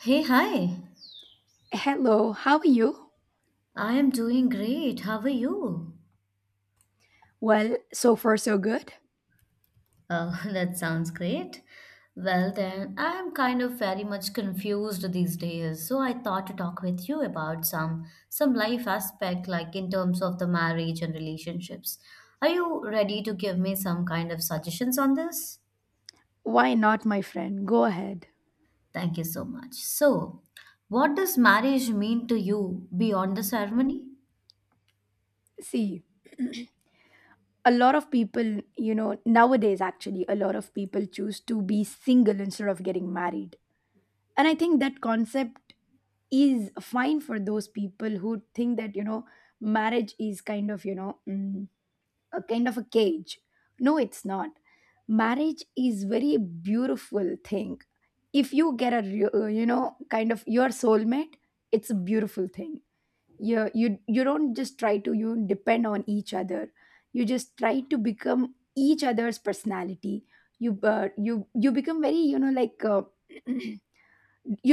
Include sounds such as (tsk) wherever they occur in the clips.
Hey, hi. Hello, how are you? I am doing great. How are you? Well, so far so good. Oh, (laughs) that sounds great. Well, then, I am kind of very much confused these days, so I thought to talk with you about some life aspect like in terms of the marriage and relationships. Are you ready to give me some kind of suggestions on this? Why not, my friend? Go ahead. Thank you so much. So, what does marriage mean to you beyond the ceremony? See, a lot of people, nowadays actually, a lot of people choose to be single instead of getting married. And I think that concept is fine for those people who think that, marriage is kind of, a kind of a cage. No, it's not. Marriage is very beautiful thing if you get a kind of your soulmate. It's a beautiful thing. You don't just try to you depend on each other. You just try to become each other's personality. You become very, like (clears throat) you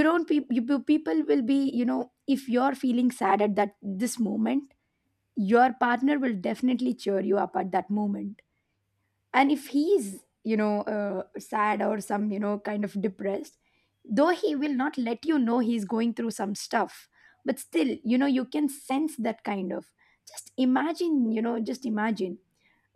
don't pe- you, pe- people will be, if you're feeling sad at that this moment, your partner will definitely cheer you up at that moment. And if he's, sad or some, kind of depressed, though he will not let you know he's going through some stuff, but still, you can sense that kind of. Just imagine, just imagine,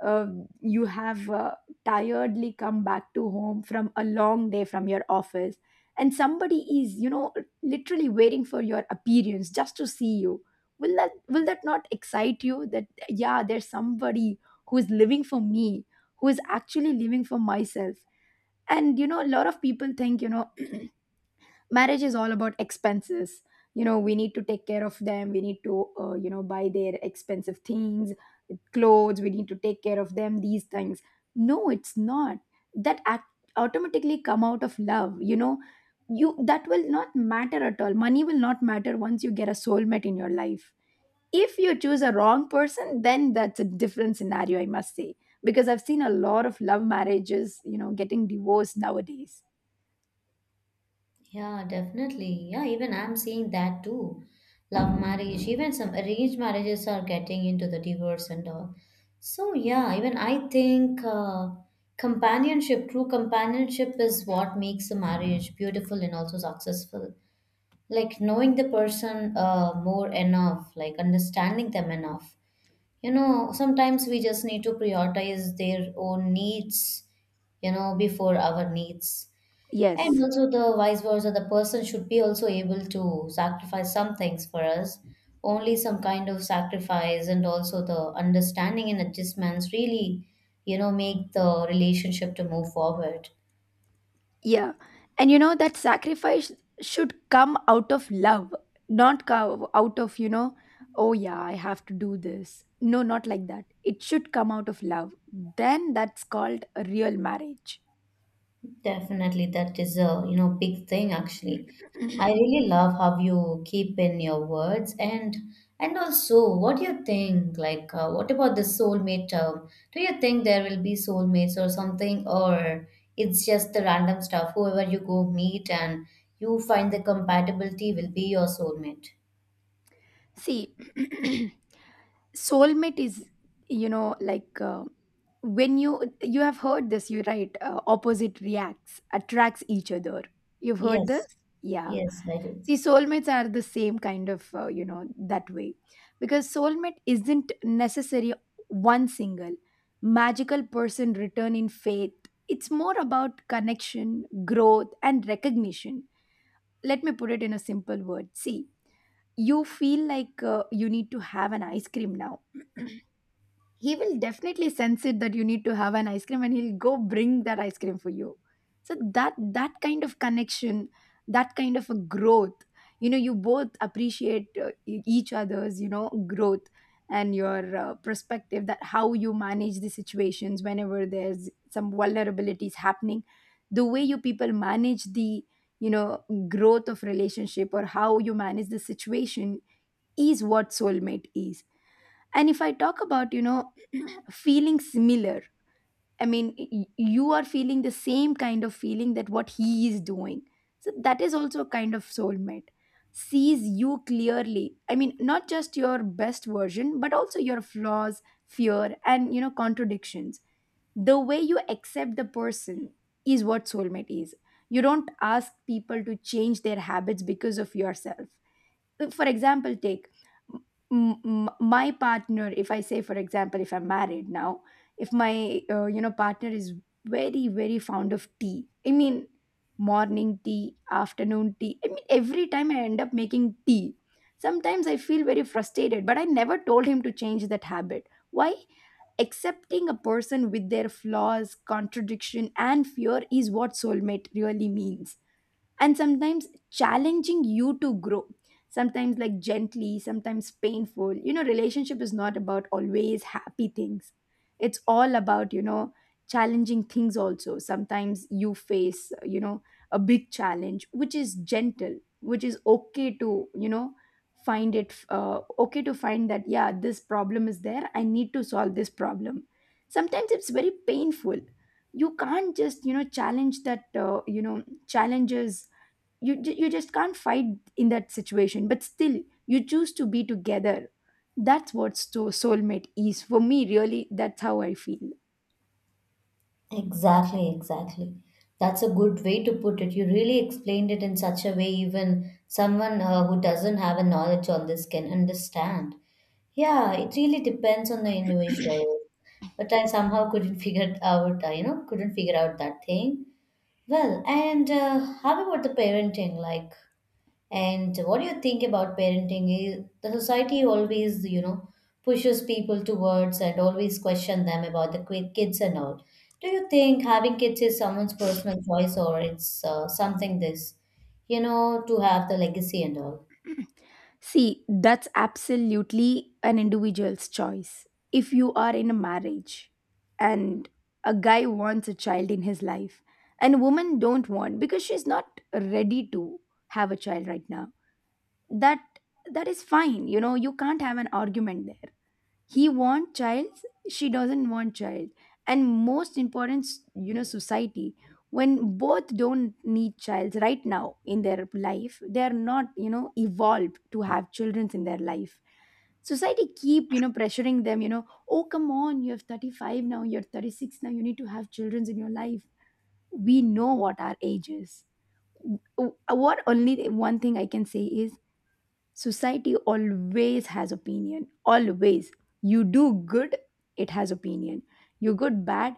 uh, you have, tiredly come back to home from a long day from your office, and somebody is, literally waiting for your appearance just to see you. Will that not excite you, that yeah, there's somebody who is living for me, who is actually living for myself? And, a lot of people think, marriage is all about expenses. We need to take care of them, we need to, buy their expensive things, clothes. We need to take care of them these things. No, it's not. That automatically come out of love, you that will not matter at all. Money will not matter once you get a soulmate in your life. If you choose a wrong person, then that's a different scenario, I must say, because I've seen a lot of love marriages, getting divorced nowadays. Yeah, definitely. Yeah, even I'm seeing that too. Love marriage, even some arranged marriages are getting into the divorce and all. So, yeah, even I think companionship, true companionship is what makes a marriage beautiful and also successful. Like knowing the person more enough, like understanding them enough. You know, sometimes we just need to prioritize their own needs, you know, before our needs. And Yes. also the vice versa, the person should be also able to sacrifice some things for us. Only some kind of sacrifice and also the understanding and adjustments really, you know, make the relationship to move forward. Yeah. And, that sacrifice should come out of love, not come out of, oh yeah, I have to do this. No, not like that. It should come out of love. Then that's called a real marriage. Definitely, that is a you know big thing actually. I (clears throat) really love how you keep in your words and also what do you think like what about the soulmate term? Do you think there will be soulmates or something or it's just the random stuff whoever you go meet and you find the compatibility will be your soulmate? See, (clears throat) soulmate is, like when you have heard this, you right, opposite reacts, attracts each other. You've heard Yes. this? Yeah. Yes, I do. See, soulmates are the same kind of, that way. Because soulmate isn't necessary one single magical person return in faith. It's more about connection, growth, and recognition. Let me put it in a simple word. See, you feel like, you need to have an ice cream now. He will definitely sense it that you need to have an ice cream, and he'll go bring that ice cream for you. So that kind of connection, that kind of a growth, you both appreciate, each other's, growth, and your, perspective, that how you manage the situations whenever there's some vulnerabilities happening, the way you people manage the, growth of relationship, or how you manage the situation, is what soulmate is. And if I talk about, feeling similar, I mean, you are feeling the same kind of feeling that what he is doing, so that is also a kind of soulmate. Sees you clearly, I mean, not just your best version but also your flaws, fear, and, contradictions. The way you accept the person is what soulmate is. You don't ask people to change their habits because of yourself. For example, take my partner. If I say, for example, if I'm married now, if my, partner is very very fond of tea, I mean, morning tea, afternoon tea, I mean, every time I end up making tea. Sometimes I feel very frustrated, but I never told him to change that habit. Why? Accepting a person with their flaws, contradiction, and fear is what soulmate really means. And sometimes challenging you to grow, sometimes like gently, sometimes painful, relationship is not about always happy things. It's all about, challenging things also. Sometimes you face, a big challenge which is gentle, which is okay to, find it, okay, to find that yeah, this problem is there, I need to solve this problem. Sometimes it's very painful. You can't just, challenge that, challenges. You you just can't fight in that situation, but still you choose to be together. That's what soulmate is for me, really. That's how I feel. Exactly, exactly. That's a good way to put it. You really explained it in such a way, even someone who doesn't have a knowledge on this can understand. Yeah, it really depends on the individual. But I somehow couldn't (laughs) figure it out, you know, couldn't figure out that thing. Well, and how about the parenting? Like, and what do you think about parenting? Is the society always, you know, pushes people towards and always question them about the kids and all. Do you think having kids is someone's personal choice or it's something this, you know, to have the legacy and all? See, that's absolutely an individual's choice. If you are in a marriage, and a guy wants a child in his life, and a woman don't want because she's not ready to have a child right now, that that is fine. You can't have an argument there. He want child, she doesn't want child. And most important, society, when both don't need child right now in their life, they are not, evolved to have children in their life, society keep, pressuring them, oh come on, you have 35 now, you're 36 now, you need to have children in your life. We know what our age is. What, only one thing I can say is, society always has opinion, always. You do good, it has opinion. You good bad,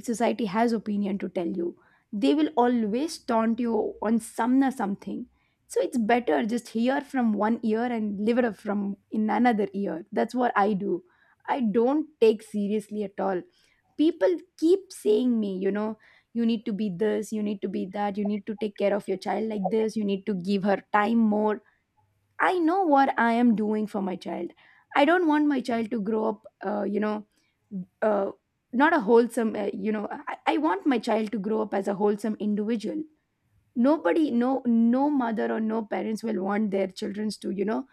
society has opinion to tell you. They will always taunt you on some or something. So it's better, just hear from one ear and live it up from in another ear. That's what I do. I don't take seriously at all. People keep saying me, you need to be this, you need to be that, you need to take care of your child like this, you need to give her time more. I know what I am doing for my child. I don't want my child to grow up, uh, not a wholesome, I want my child to grow up as a wholesome individual. Nobody, no, no mother or no parents will want their children to,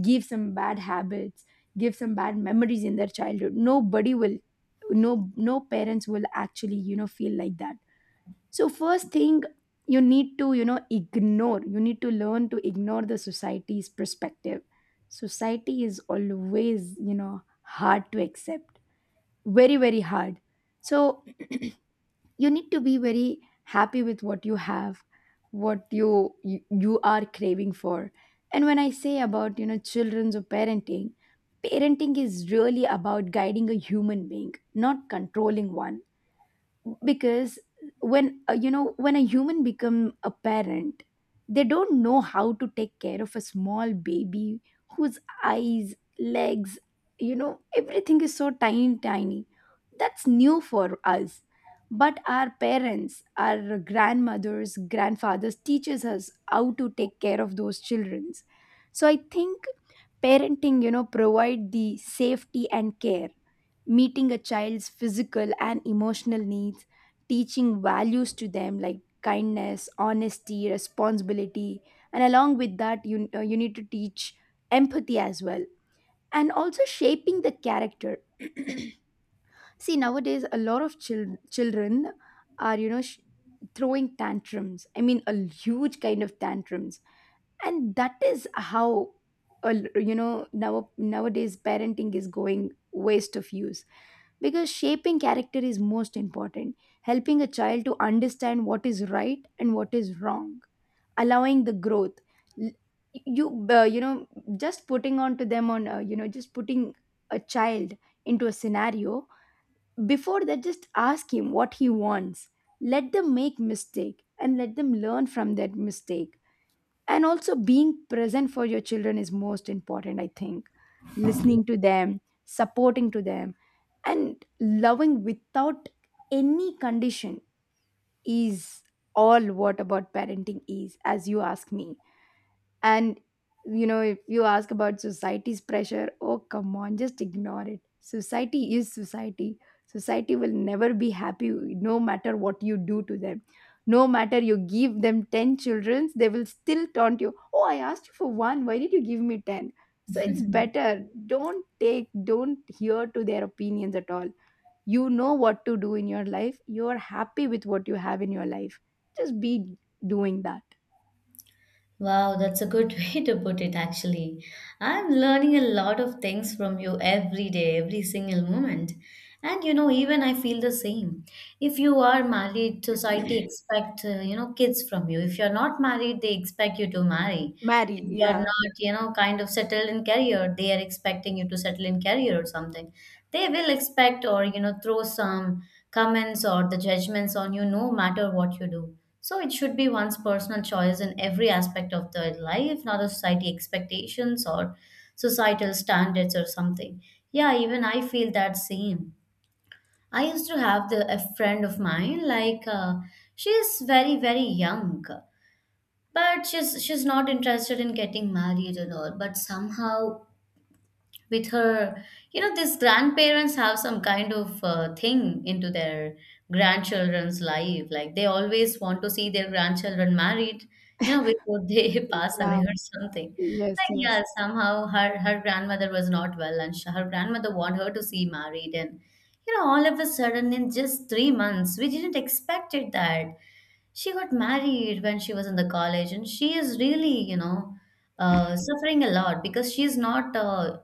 give some bad habits, give some bad memories in their childhood. Nobody will, no, no parents will actually, feel like that. So first thing, you need to, ignore, you need to learn to ignore the society's perspective. Society is always, hard to accept, very very hard. So (clears throat) you need to be very happy with what you have, what you are craving for. And when I say about, children's or parenting, parenting is really about guiding a human being, not controlling one. Because when, when a human become a parent, they don't know how to take care of a small baby, whose eyes, legs, everything is so tiny tiny. That's new for us, but our parents, our grandmothers, grandfathers teaches us how to take care of those children. So I think parenting, provide the safety and care, meeting a child's physical and emotional needs, teaching values to them like kindness, honesty, responsibility, and along with that, you, you need to teach empathy as well, and also shaping the character. (clears throat) See, nowadays a lot of children are, throwing tantrums. I mean, a huge kind of tantrums, and that is how, now nowadays parenting is going waste of use, because shaping character is most important, helping a child to understand what is right and what is wrong, allowing the growth. L- you, you know just putting on to them on, just putting a child into a scenario. Before that, just ask him what he wants. Let them make mistake and let them learn from that mistake. And also being present for your children is most important, I think. Listening to them, supporting to them, and loving without any condition is all what about parenting is, as you ask me. And, if you ask about society's pressure, oh come on, just ignore it. Society is society. Society will never be happy no matter what you do to them. No matter you give them 10 children, they will still taunt you. Oh, I asked you for one. Why did you give me 10? So it's better. Don't take, don't hear to their opinions at all. You know what to do in your life. You are happy with what you have in your life. Just be doing that. Wow, that's a good (laughs) way to put it, actually. I'm learning a lot of things from you every day, every single moment. And you know, even I feel the same. If you are married, society expect, you know, kids from you. If you're not married, they expect you to marry. Marry, If you're yeah. not, you know, kind of settled in career, they are expecting you to settle in career or something. They will expect or, you know, throw some comments or the judgments on you no matter what you do. So it should be one's personal choice in every aspect of their life, not a society expectations or societal standards or something. Yeah, even I feel that same. I used to have the a friend of mine, like she is very young, but she's not interested in getting married and all. But somehow with her you know these grandparents have some kind of thing into their grandchildren's life, like they always want to see their grandchildren married, you know, before they (laughs) pass away Yeah. or something. yes Like, yes yeah, somehow her grandmother was not well and her grandmother want her to see married. And you know, all of a sudden in just 3 months, we didn't expect it that she got married when she was in the college. And she is really, you know, suffering a lot because she's not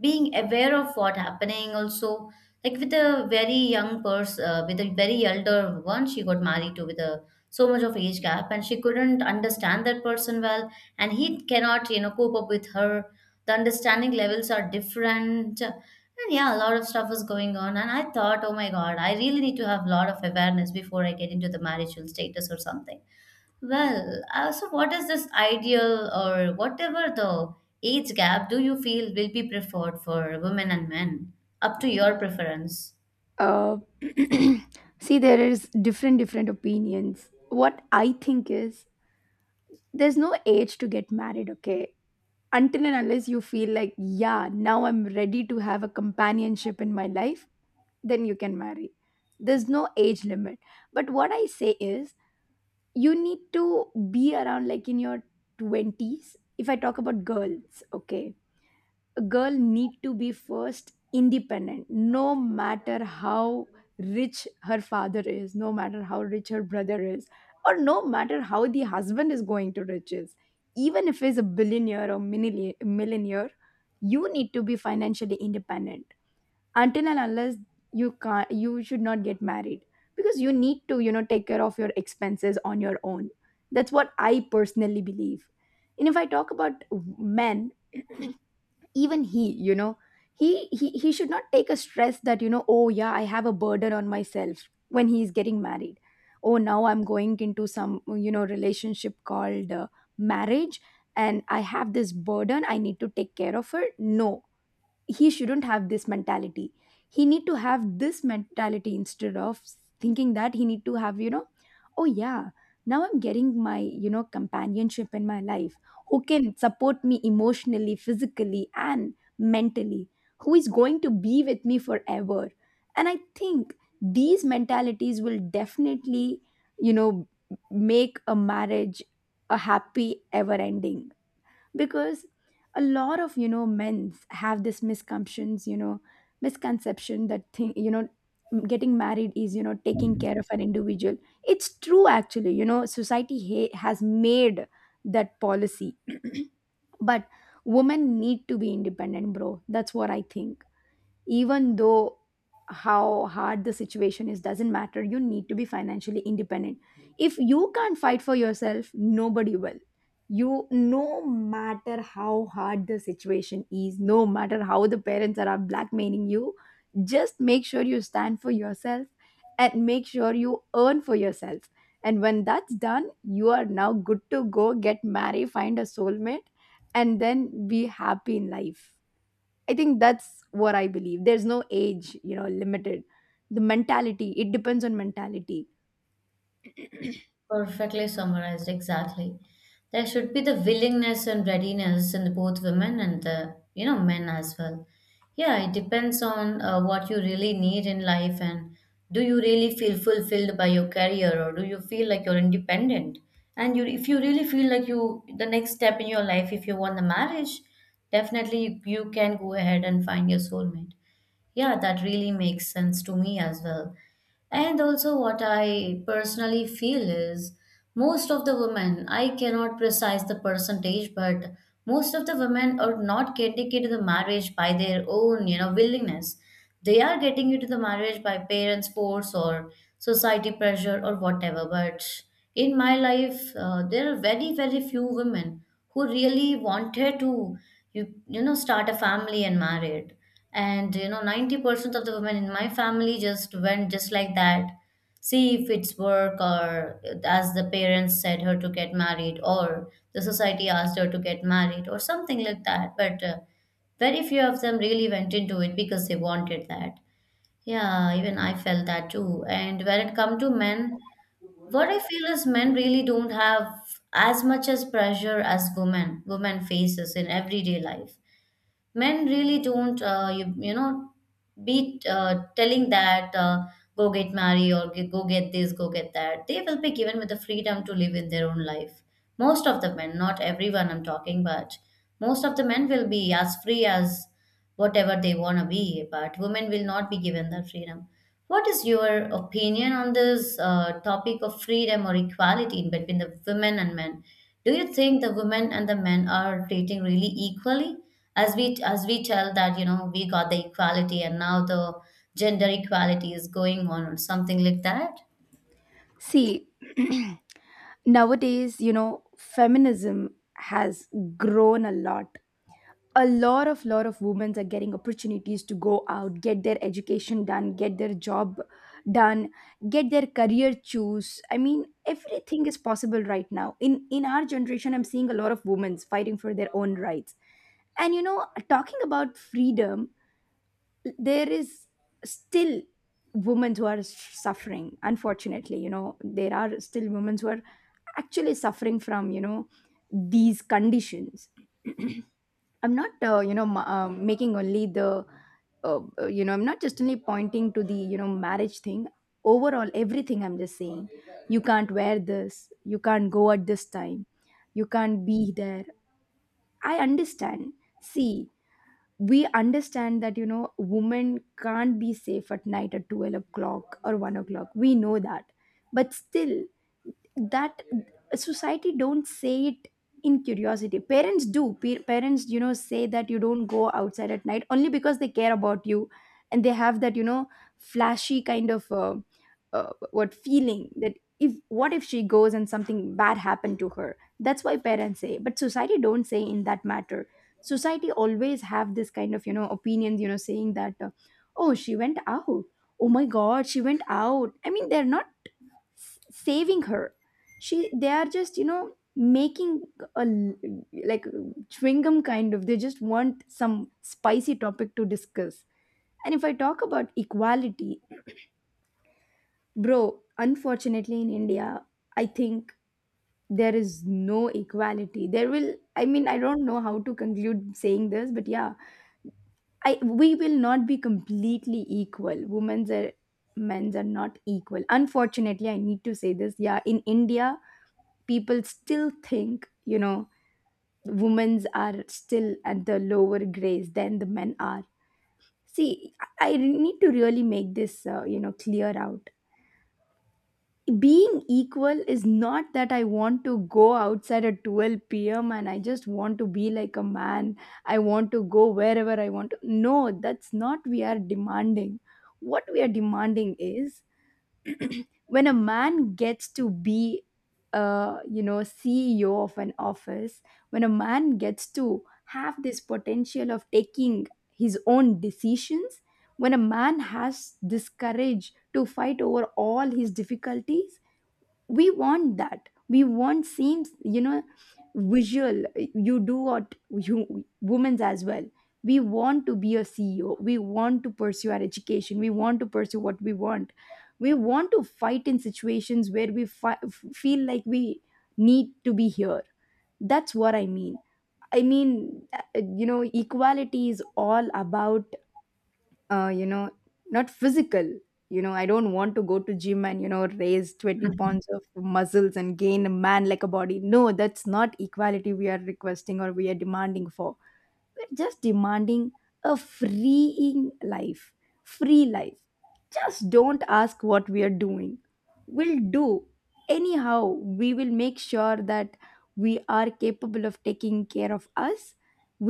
being aware of what happening also. Like with a very young person, with a very elder one she got married to, with a so much of age gap, and she couldn't understand that person well, and he cannot you know cope up with her. The understanding levels are different and yeah, a lot of stuff was going on and I thought, oh my god, I really need to have a lot of awareness before I get into the marital status or something. Well, so what is this ideal or whatever the age gap do you feel will be preferred for women and men, up to your preference? uh, (clears throat) See, there is different opinions. What I think is there's no age to get married, okay? Until and unless you feel like, yeah, now I'm ready to have a companionship in my life, then you can marry. There's no age limit. But what I say is you need to be around, like, in your twenties, if I talk about girls, okay? A girl need to be first independent, no matter how rich her father is, no matter how rich her brother is, or no matter how the husband is going to riches. Even if he's a billionaire or millionaire, you need to be financially independent. Until and unless, you can't, you should not get married, because you need to, you know, take care of your expenses on your own. That's what I personally believe. And if I talk about men, (clears throat) even he, you know, he should not take a stress that, you know, oh yeah, I have a burden on myself when he is getting married. Oh, now I'm going into some, you know, relationship called marriage, and I have this burden, I need to take care of her. No, he shouldn't have this mentality. He need to have this mentality, instead of thinking that he need to have, you know, oh yeah, now I'm getting my, you know, companionship in my life, who can support me emotionally, physically and mentally, who is going to be with me forever. And I think these mentalities will definitely, you know, make a marriage a happy ever ending. Because a lot of, you know, men have this misconceptions, you know, misconception that thing, you know, getting married is, you know, taking care of an individual. It's true, actually. You know, society has made that policy. (clears throat) But women need to be independent, bro. That's what I think. Even though how hard the situation is, doesn't matter, you need to be financially independent. If you can't fight for yourself, nobody will. You, no matter how hard the situation is, no matter how the parents are blackmailing you, just make sure you stand for yourself, and make sure you earn for yourself. And when that's done, you are now good to go, get married, find a soulmate, and then be happy in life. I think that's what I believe. There's no age, you know, limited. The mentality, it depends on mentality. Perfectly summarized, exactly. There should be the willingness and readiness in both women and the you know men as well. Yeah, it depends on what you really need in life and do you really feel fulfilled by your career or do you feel like you're independent? And you, if you really feel like you, the next step in your life, if you want the marriage, definitely you, you can go ahead and find your soulmate. Yeah, that really makes sense to me as well. And also, what I personally feel is most of the women, I cannot precise the percentage, but most of the women are not getting into the marriage by their own, you know, willingness. They are getting into the marriage by parents' force or society pressure or whatever. But in my life, there are very few women who really wanted to, you know, start a family and married. And you know, 90% of the women in my family just went just like that. See, if it's work or as the parents said her to get married or the society asked her to get married or something like that. But very few of them really went into it because they wanted that. Yeah, even I felt that too. And when it come to men, what I feel is men really don't have as much as pressure as women. Women faces in everyday life men really don't you, you know, be telling that go get married or go get this, go get that. They will be given with the freedom to live in their own life. Most of the men, not everyone I'm talking, but most of the men will be as free as whatever they want to be, but women will not be given that freedom. What is your opinion on this topic of freedom or equality in between the women and men? Do you think the women and the men are treating really equally? As we tell that you know we got the equality and now the gender equality is going on or something like that. See, (clears throat) nowadays, you know, feminism has grown a lot. A lot of women are getting opportunities to go out, get their education done, get their job done, get their career choose. I mean, everything is possible right now. In our generation, I'm seeing a lot of women fighting for their own rights. And you know, talking about freedom, there is still women who are suffering, unfortunately. You know, there are still women who are actually suffering from, you know, these conditions. I'm not, you know, making only the you know, I'm not just only pointing to the, you know, marriage thing. Overall everything, I'm just saying, you can't wear this, you can't go at this time, you can't be there. I understand. See, we understand that, you know, women can't be safe at night at 12 o'clock or 1 o'clock. We know that. But still, that society don't say it. In curiosity, parents do. Parents, you know, say that you don't go outside at night only because they care about you, and they have that, you know, flashy kind of what feeling that, if, what if she goes and something bad happened to her, that's why parents say. But society don't say in that matter. Society always have this kind of, you know, opinions, you know, saying that, oh, she went out, oh my god, she went out. I mean, they're not saving her. She, they are just, you know, making a l- like, chewing gum kind of, they just want some spicy topic to discuss. And if I talk about equality, bro, unfortunately, in India, I think there is no equality. There will, I mean, I don't know how to conclude saying this, but yeah, I we will not be completely equal. Women's are, men's are not equal, unfortunately. I need to say this. Yeah, in India, people still think, you know, women's are still at the lower grades than the men are. See, I need to really make this, you know, clear out. Being equal is not that I want to go outside at 12 p.m. and I just want to be like a man, I want to go wherever I want to. No, that's not we are demanding. What we are demanding is, when a man gets to be a, you know, ceo of an office, when a man gets to have this potential of taking his own decisions, when a man has this courage to fight over all his difficulties, we want that. We want seems, you know, visual, you do what you, women's as well. We want to be a ceo, we want to pursue our education, we want to pursue what we want. We want to fight in situations where we feel like we need to be here. That's what I mean. I mean, you know, equality is all about, you know, not physical. You know, I don't want to go to gym and, you know, raise 20 pounds of muscles and gain a man like a body. No, that's not equality we are requesting or we are demanding for. We're just demanding a freeing life, free life. Just don't ask what we are doing. We'll do anyhow. We will make sure that we are capable of taking care of us.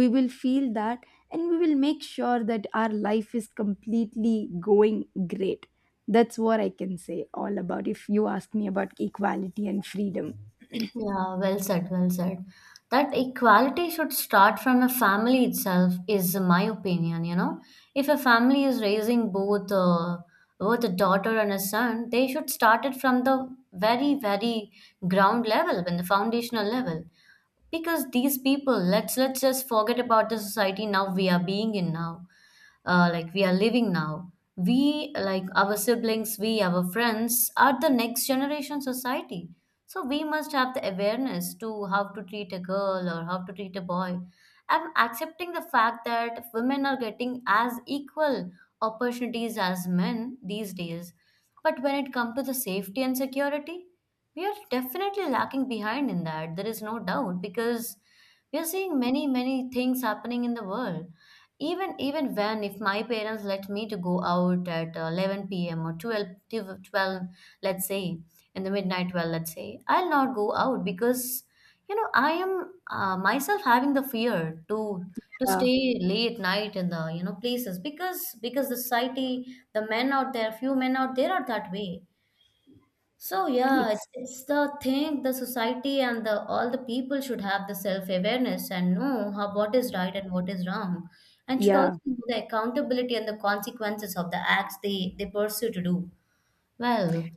We will feel that. And we will make sure that our life is completely going great. That's what I can say all about if you ask me about equality and freedom. Yeah, well said, well said. That equality should start from a family itself is my opinion, you know. If a family is raising both both a daughter and a son, they should start it from the very ground level, when the foundational level. Because these people, let's just forget about the society now we are being in now, like we are living now. We like our siblings, we our friends are the next generation society, so we must have the awareness to how to treat a girl or how to treat a boy. I'm accepting the fact that women are getting as equal opportunities as men these days, but when it comes to the safety and security, we are definitely lacking behind in that. There is no doubt, because we are seeing many things happening in the world. Even when if my parents let me to go out at 11 p.m. or 12, 12, let's say in the midnight 12, let's say, I'll not go out because you know I am myself having the fear to Yeah. stay late night in the you know places. Because the society, the men out there, few men out there are that way. So yeah, it's, it's the thing, the society and the all the people should have the self-awareness and know how what is right and what is wrong, and should yeah. also know the accountability and the consequences of the acts they pursue to do. Well,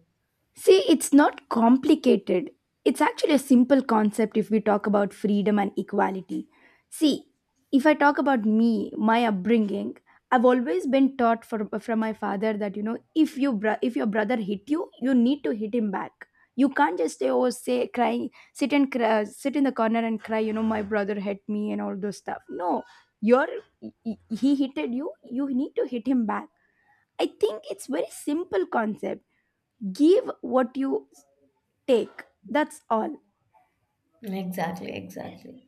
See, it's not complicated. It's actually a simple concept if we talk about freedom and equality. See, if I talk about me, my upbringing, I've always been taught from my father that, you know, if you if your brother hit you, you need to hit him back. You can't just stay over, say, crying, sit and cry, sit in the corner and cry. You know, my brother hit me and all those stuff. No, you're, he hitted you. You need to hit him back. I think it's very simple concept. Give what you take. That's all. exactly, exactly.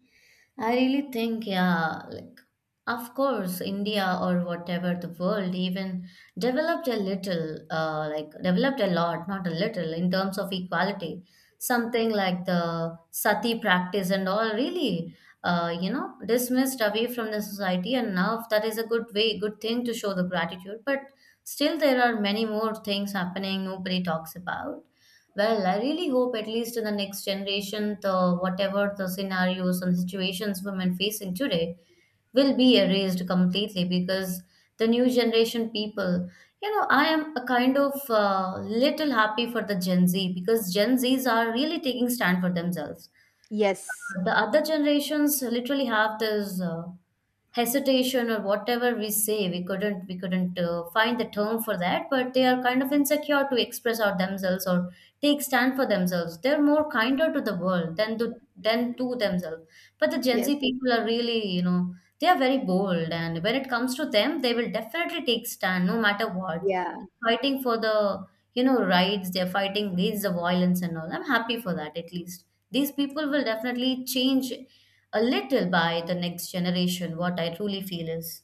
I really think, yeah, like, of course, India or whatever the world even developed a little, like, developed a lot, not a little, in terms of equality. Something like the sati practice and all really, you know, dismissed away from the society. And now that is a good way, good thing to show the gratitude. But still, there are many more things happening nobody talks about. Well, I really hope at least in the next generation, the whatever the scenarios and situations women facing today will be erased completely because the new generation people, you know, I am a kind of little happy for the Gen Z because Gen Zs are really taking stand for themselves. Yes. The other generations literally have this hesitation or whatever we say. We couldn't find the term for that, but they are kind of insecure to express out themselves or take stand for themselves. They're more kinder to the world than to themselves, but the Gen Yes. Z people are really, you know, they are very bold, and when it comes to them they will definitely take stand no matter what, Yeah. fighting for the, you know, rights. They're fighting against the violence and all. I'm happy for that. At least these people will definitely change a little by the next generation, what I truly feel is.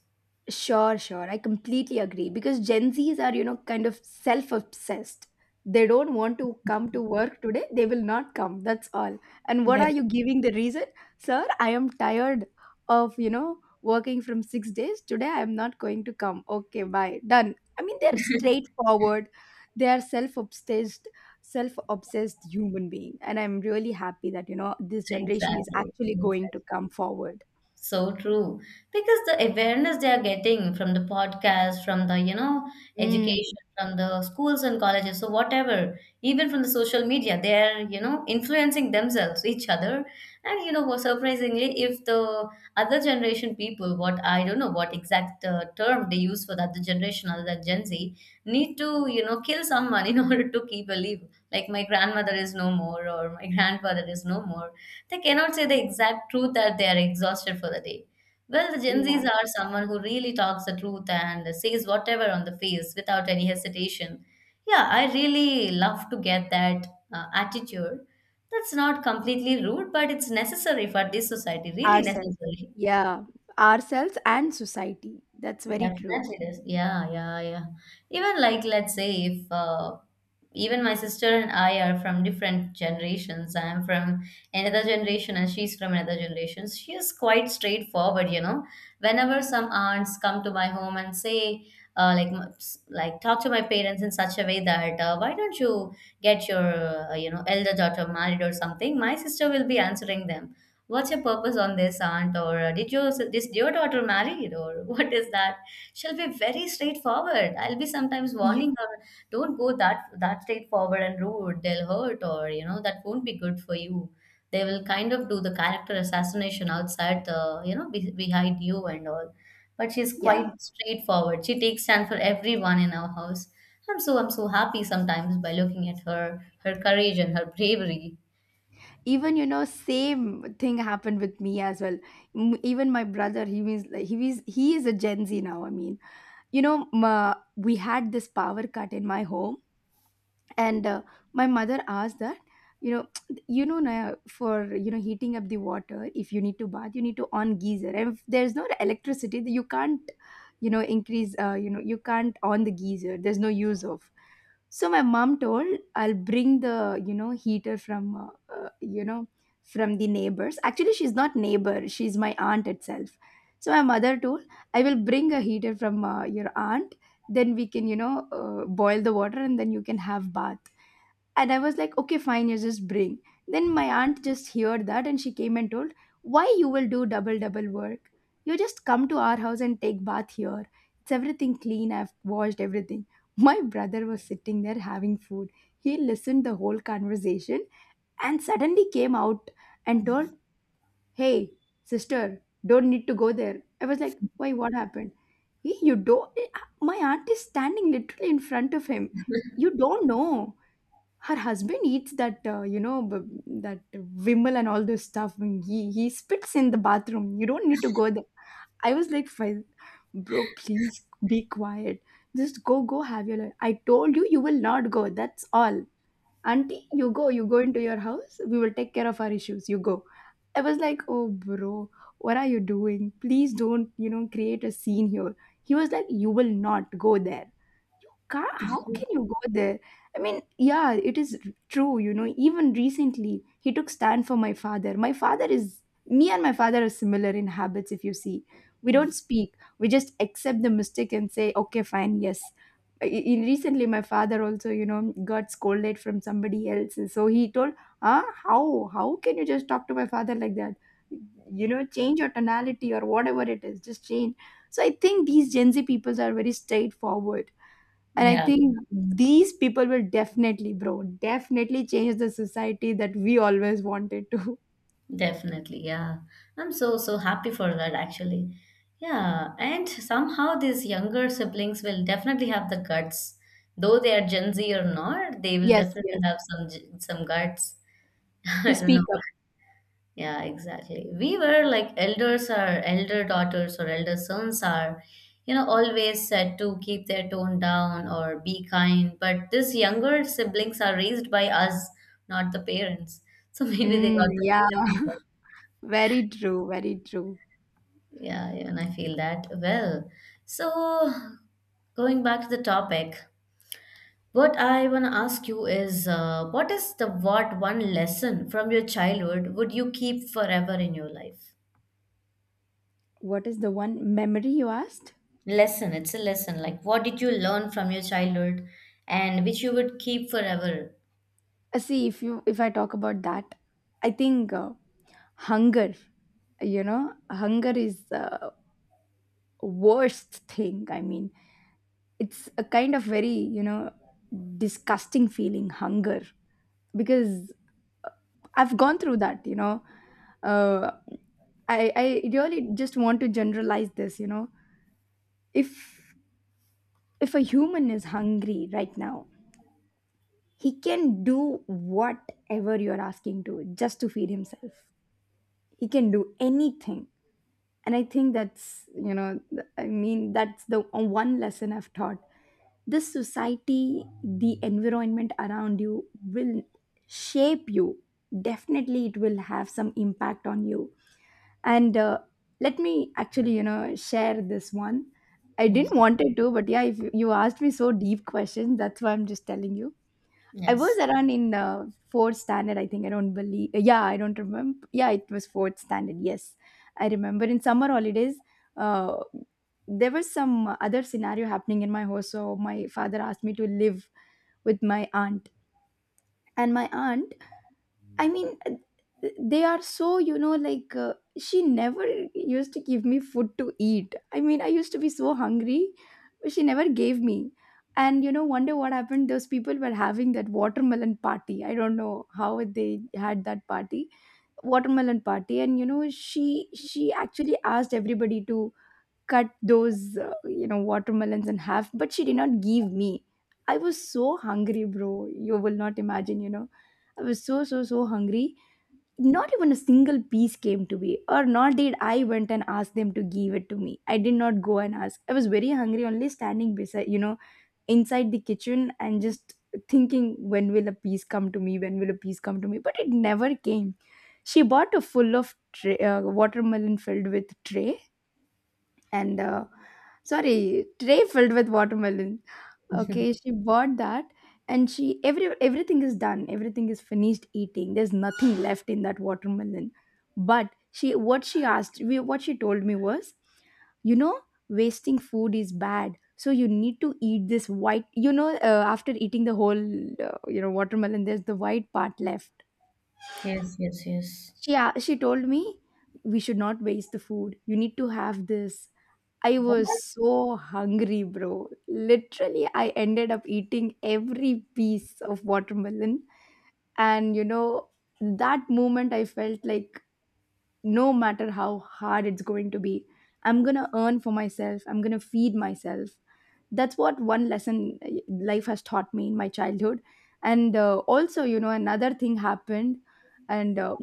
Sure, sure. I completely agree because Gen Zs are, you know, kind of self obsessed. They don't want to come to work today. They will not come. That's all. And what Yeah. are you giving the reason? Sir, I am tired of, you know, working from 6 days. Today I am not going to come. Okay, bye. Done. I mean, they're straightforward. They are self obsessed human being. And I'm really happy that, you know, this generation is Exactly. actually going to come forward. So true. Because the awareness they are getting from the podcast, from the, you know, Mm, education, from the schools and colleges, so whatever, even from the social media, they are, you know, influencing themselves, each other. And, you know, what surprisingly, if the other generation people, what I don't know what exact term they use for the other generation other than Gen Z, need to, you know, kill someone in (laughs) order to keep a leave. Like my grandmother is no more or my grandfather is no more, they cannot say the exact truth that they are exhausted for the day. Well, the Gen Zs yeah. are someone who really talks the truth and says whatever on the face without any hesitation. Yeah, I really love to get that attitude. That's not completely rude, but it's necessary for this society, really Ourselves. necessary. Yeah, ourselves and society. That's very true. Definitely it is. Yeah, yeah, yeah. Even, like let's say if even my sister and I are from different generations. I am from another generation and she's from another generation. She is quite straightforward, you know. Whenever some aunts come to my home and say, like talk to my parents in such a way that, why don't you get your, you know, elder daughter married or something, my sister will be answering them. What's your purpose on this, aunt? Or did your daughter married or (laughs) what is that? She'll be very straightforward. I'll be sometimes You, warning her, don't go that straightforward and rude. They'll hurt, or you know, that won't be good for you. They will kind of do the character assassination outside the, you know, behind you and all. But she's quite yeah. straightforward. She takes stand for everyone in our house. I'm so happy sometimes by looking at her, her courage and her bravery. Even you know, same thing happened with me as well. Even my brother, he was like, he is a Gen Z now. I mean, you know, ma, we had this power cut in my home, and my mother asked that. You know, (tsk) you know, na, for, you know, heating up the water, if you need to bath, you need to on geyser. And if there's no electricity, you can't, you know, increase. You know, you can't on the geyser. There's no use of. So my mom told, I'll bring the, you know, heater from you know, from the neighbors. Actually, she's not neighbor, she's my aunt itself. So my mother told, I will bring a heater from your aunt, then we can, you know, boil the water and then you can have bath. And I was like, okay, fine, you just bring. Then my aunt just heard that and she came and told, why you will do double work? You just come to our house and take bath here. It's everything clean. I've washed everything. My brother was sitting there having food. He listened the whole conversation and suddenly came out and told, hey, sister, don't need to go there. I was like, why? What happened? "Hey, you don't. My aunt is standing literally in front of him. You don't know her husband eats that, you know, that Vimal and all those stuff. And he spits in the bathroom. You don't need to go there. I was like, bro, please be quiet. Just go, go have your life. I told you you will not go. That's all, auntie. You go. You go into your house. We will take care of our issues. You go. I was like, oh, bro, what are you doing? Please don't, you know, create a scene here. He was like, "You will not go there. You can't, how can you go there?" I mean, yeah, it is true. You know, even recently, he took stand for my father. Me and my father are similar in habits, if you see. We don't speak, we just accept the mistake and say, okay, fine, yes. In recently, my father also, you know, got scolded from somebody else. And so he told, huh, how? How can you just talk to my father like that? You know, change your tonality or whatever it is, just change. So I think these Gen Z peoples are very straightforward, and I Yeah. think these people will definitely, bro, definitely change the society that we always wanted to. (laughs) Definitely, yeah. I'm so, so happy for that actually. Yeah, and somehow these younger siblings will definitely have the guts. Though they are Gen Z or not, they will Yes, definitely yes. have some guts. (laughs) I To don't know. speak up. Yeah, exactly. We were like elders or elder daughters or elder sons are, you know, always said to keep their tone down or be kind. But these younger siblings are raised by us, not the parents. So (laughs) maybe they Mm, got the yeah. freedom. (laughs) Very true, very true. Yeah, even I feel that. Well, so going back to the topic, what I want to ask you is, what is the what one lesson from your childhood would you keep forever in your life? What is the one memory you asked? Lesson, it's a lesson. Like, what did you learn from your childhood and which you would keep forever? See, if I talk about that, I think hunger, you know, hunger is the worst thing. I mean, it's a kind of very, you know, disgusting feeling, hunger, because I've gone through that, you know. Uh, I really just want to generalize this, you know. If if a human is hungry right now, he can do whatever you're asking to just to feed himself. He can do anything, and I think that's that's the one lesson I've taught. This society, the environment around you will shape you. Definitely, it will have some impact on you, and let me actually, you know, share this one. I didn't Yes, wanted to, but yeah, if you asked me so deep questions, that's why I'm just telling you. I was yes, around in fourth standard, I think. I don't believe, yeah, I don't remember. Yeah, it was fourth standard, yes. I remember in summer holidays, uh, there was some other scenario happening in my house, so my father asked me to live with my aunt. And my aunt, I mean, they are so, you know, like, she never used to give me food to eat. I mean, I used to be so hungry, but she never gave me. And, you know, one day what happened, those people were having that watermelon party. I don't know how they had that party, watermelon party. And, you know, she actually asked everybody to cut those, you know, watermelons in half, but she did not give me. I was so hungry, bro. You will not imagine, you know. I was so hungry. Not even a single piece came to me, or not did I went and asked them to give it to me. I did not go and ask. I was very hungry, only standing beside, you know, inside the kitchen and just thinking, when will a piece come to me, when will a piece come to me, but it never came. She bought a full of tray, watermelon filled with tray, and sorry, tray filled with watermelon. (laughs) yes, Okay, she bought that, and she every everything is done, everything is finished eating, there's nothing (sighs) left in that watermelon. But she what she asked we what she told me was, you know, wasting food is bad, so you need to eat this white, you know, after eating the whole you know, watermelon, there's the white part left. yes, yes. She told me we should not waste the food, you need to have this. I was What? so hungry, bro. Literally, I ended up eating every piece of watermelon. And you know, that moment I felt like no matter how hard it's going to be, I'm going to earn for myself, I'm going to feed myself. That's what one lesson life has taught me in my childhood. And also, you know, another thing happened. And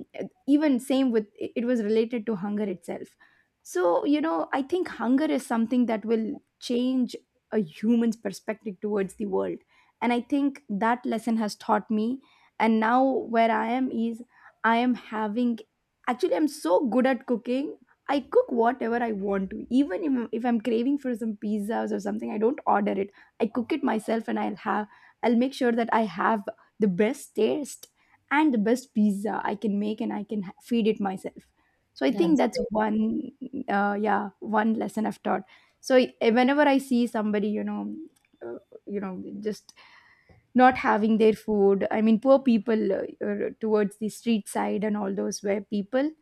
Even same with it, it was related to hunger itself. So you know, I think hunger is something that will change a human's perspective towards the world, and I think that lesson has taught me. And now where I am is I am having, actually, I'm so good at cooking. I cook whatever I want to. Even if I'm craving for some pizzas or something, I don't order it. I cook it myself, and I'll make sure that I have the best taste and the best pizza I can make, and I can feed it myself. So I think That's that's great. one, yeah, one lesson I've taught. So whenever I see somebody, you know, uh, just not having their food. I mean, poor people, towards the street side and all those where people,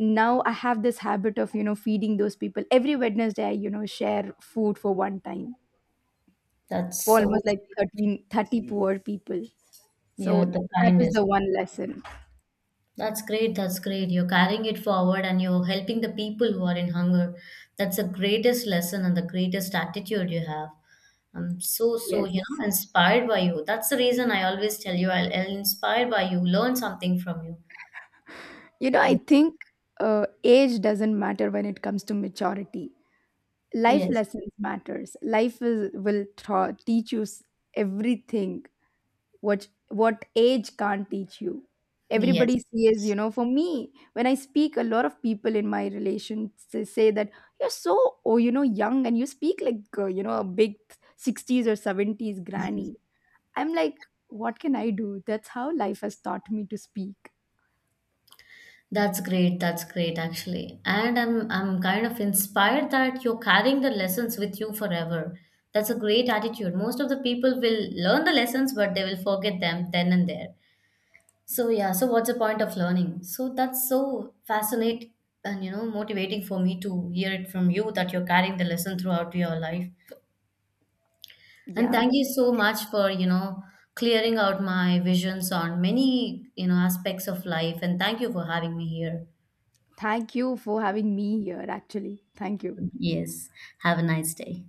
now I have this habit of, you know, feeding those people every Wednesday. I, you know, share food for one time That's for so almost like sweet. 13-30 poor people. You're So the that is the kindest. one lesson. That's great. That's great. You're carrying it forward and you're helping the people who are in hunger. That's the greatest lesson and the greatest attitude you have. I'm so, so, Yes, you know, inspired by you. That's the reason I always tell you I'll inspired by you, learn something from you. you know, I Yes. think, age doesn't matter when it comes to maturity. Life Yes. lessons matters. Life will teach you everything what age can't teach you. Everybody Yes. says, you know, for me, when I speak, a lot of people in my relations, they say that you're so, oh, you know, young, and you speak like you know, a big 60s or 70s granny. I'm like, what can I do? That's how life has taught me to speak. That's great. That's great, actually. And I'm kind of inspired that you're carrying the lessons with you forever. That's a great attitude. Most of the people will learn the lessons, but they will forget them then and there. So yeah, so what's the point of learning? So that's so fascinating, and you know, motivating for me to hear it from you that you're carrying the lesson throughout your life. And Yeah, thank you so much for, you know, clearing out my visions on many, you know, aspects of life. And thank you for having me here. thank you for having me here. Actually, thank you. Yes, have a nice day.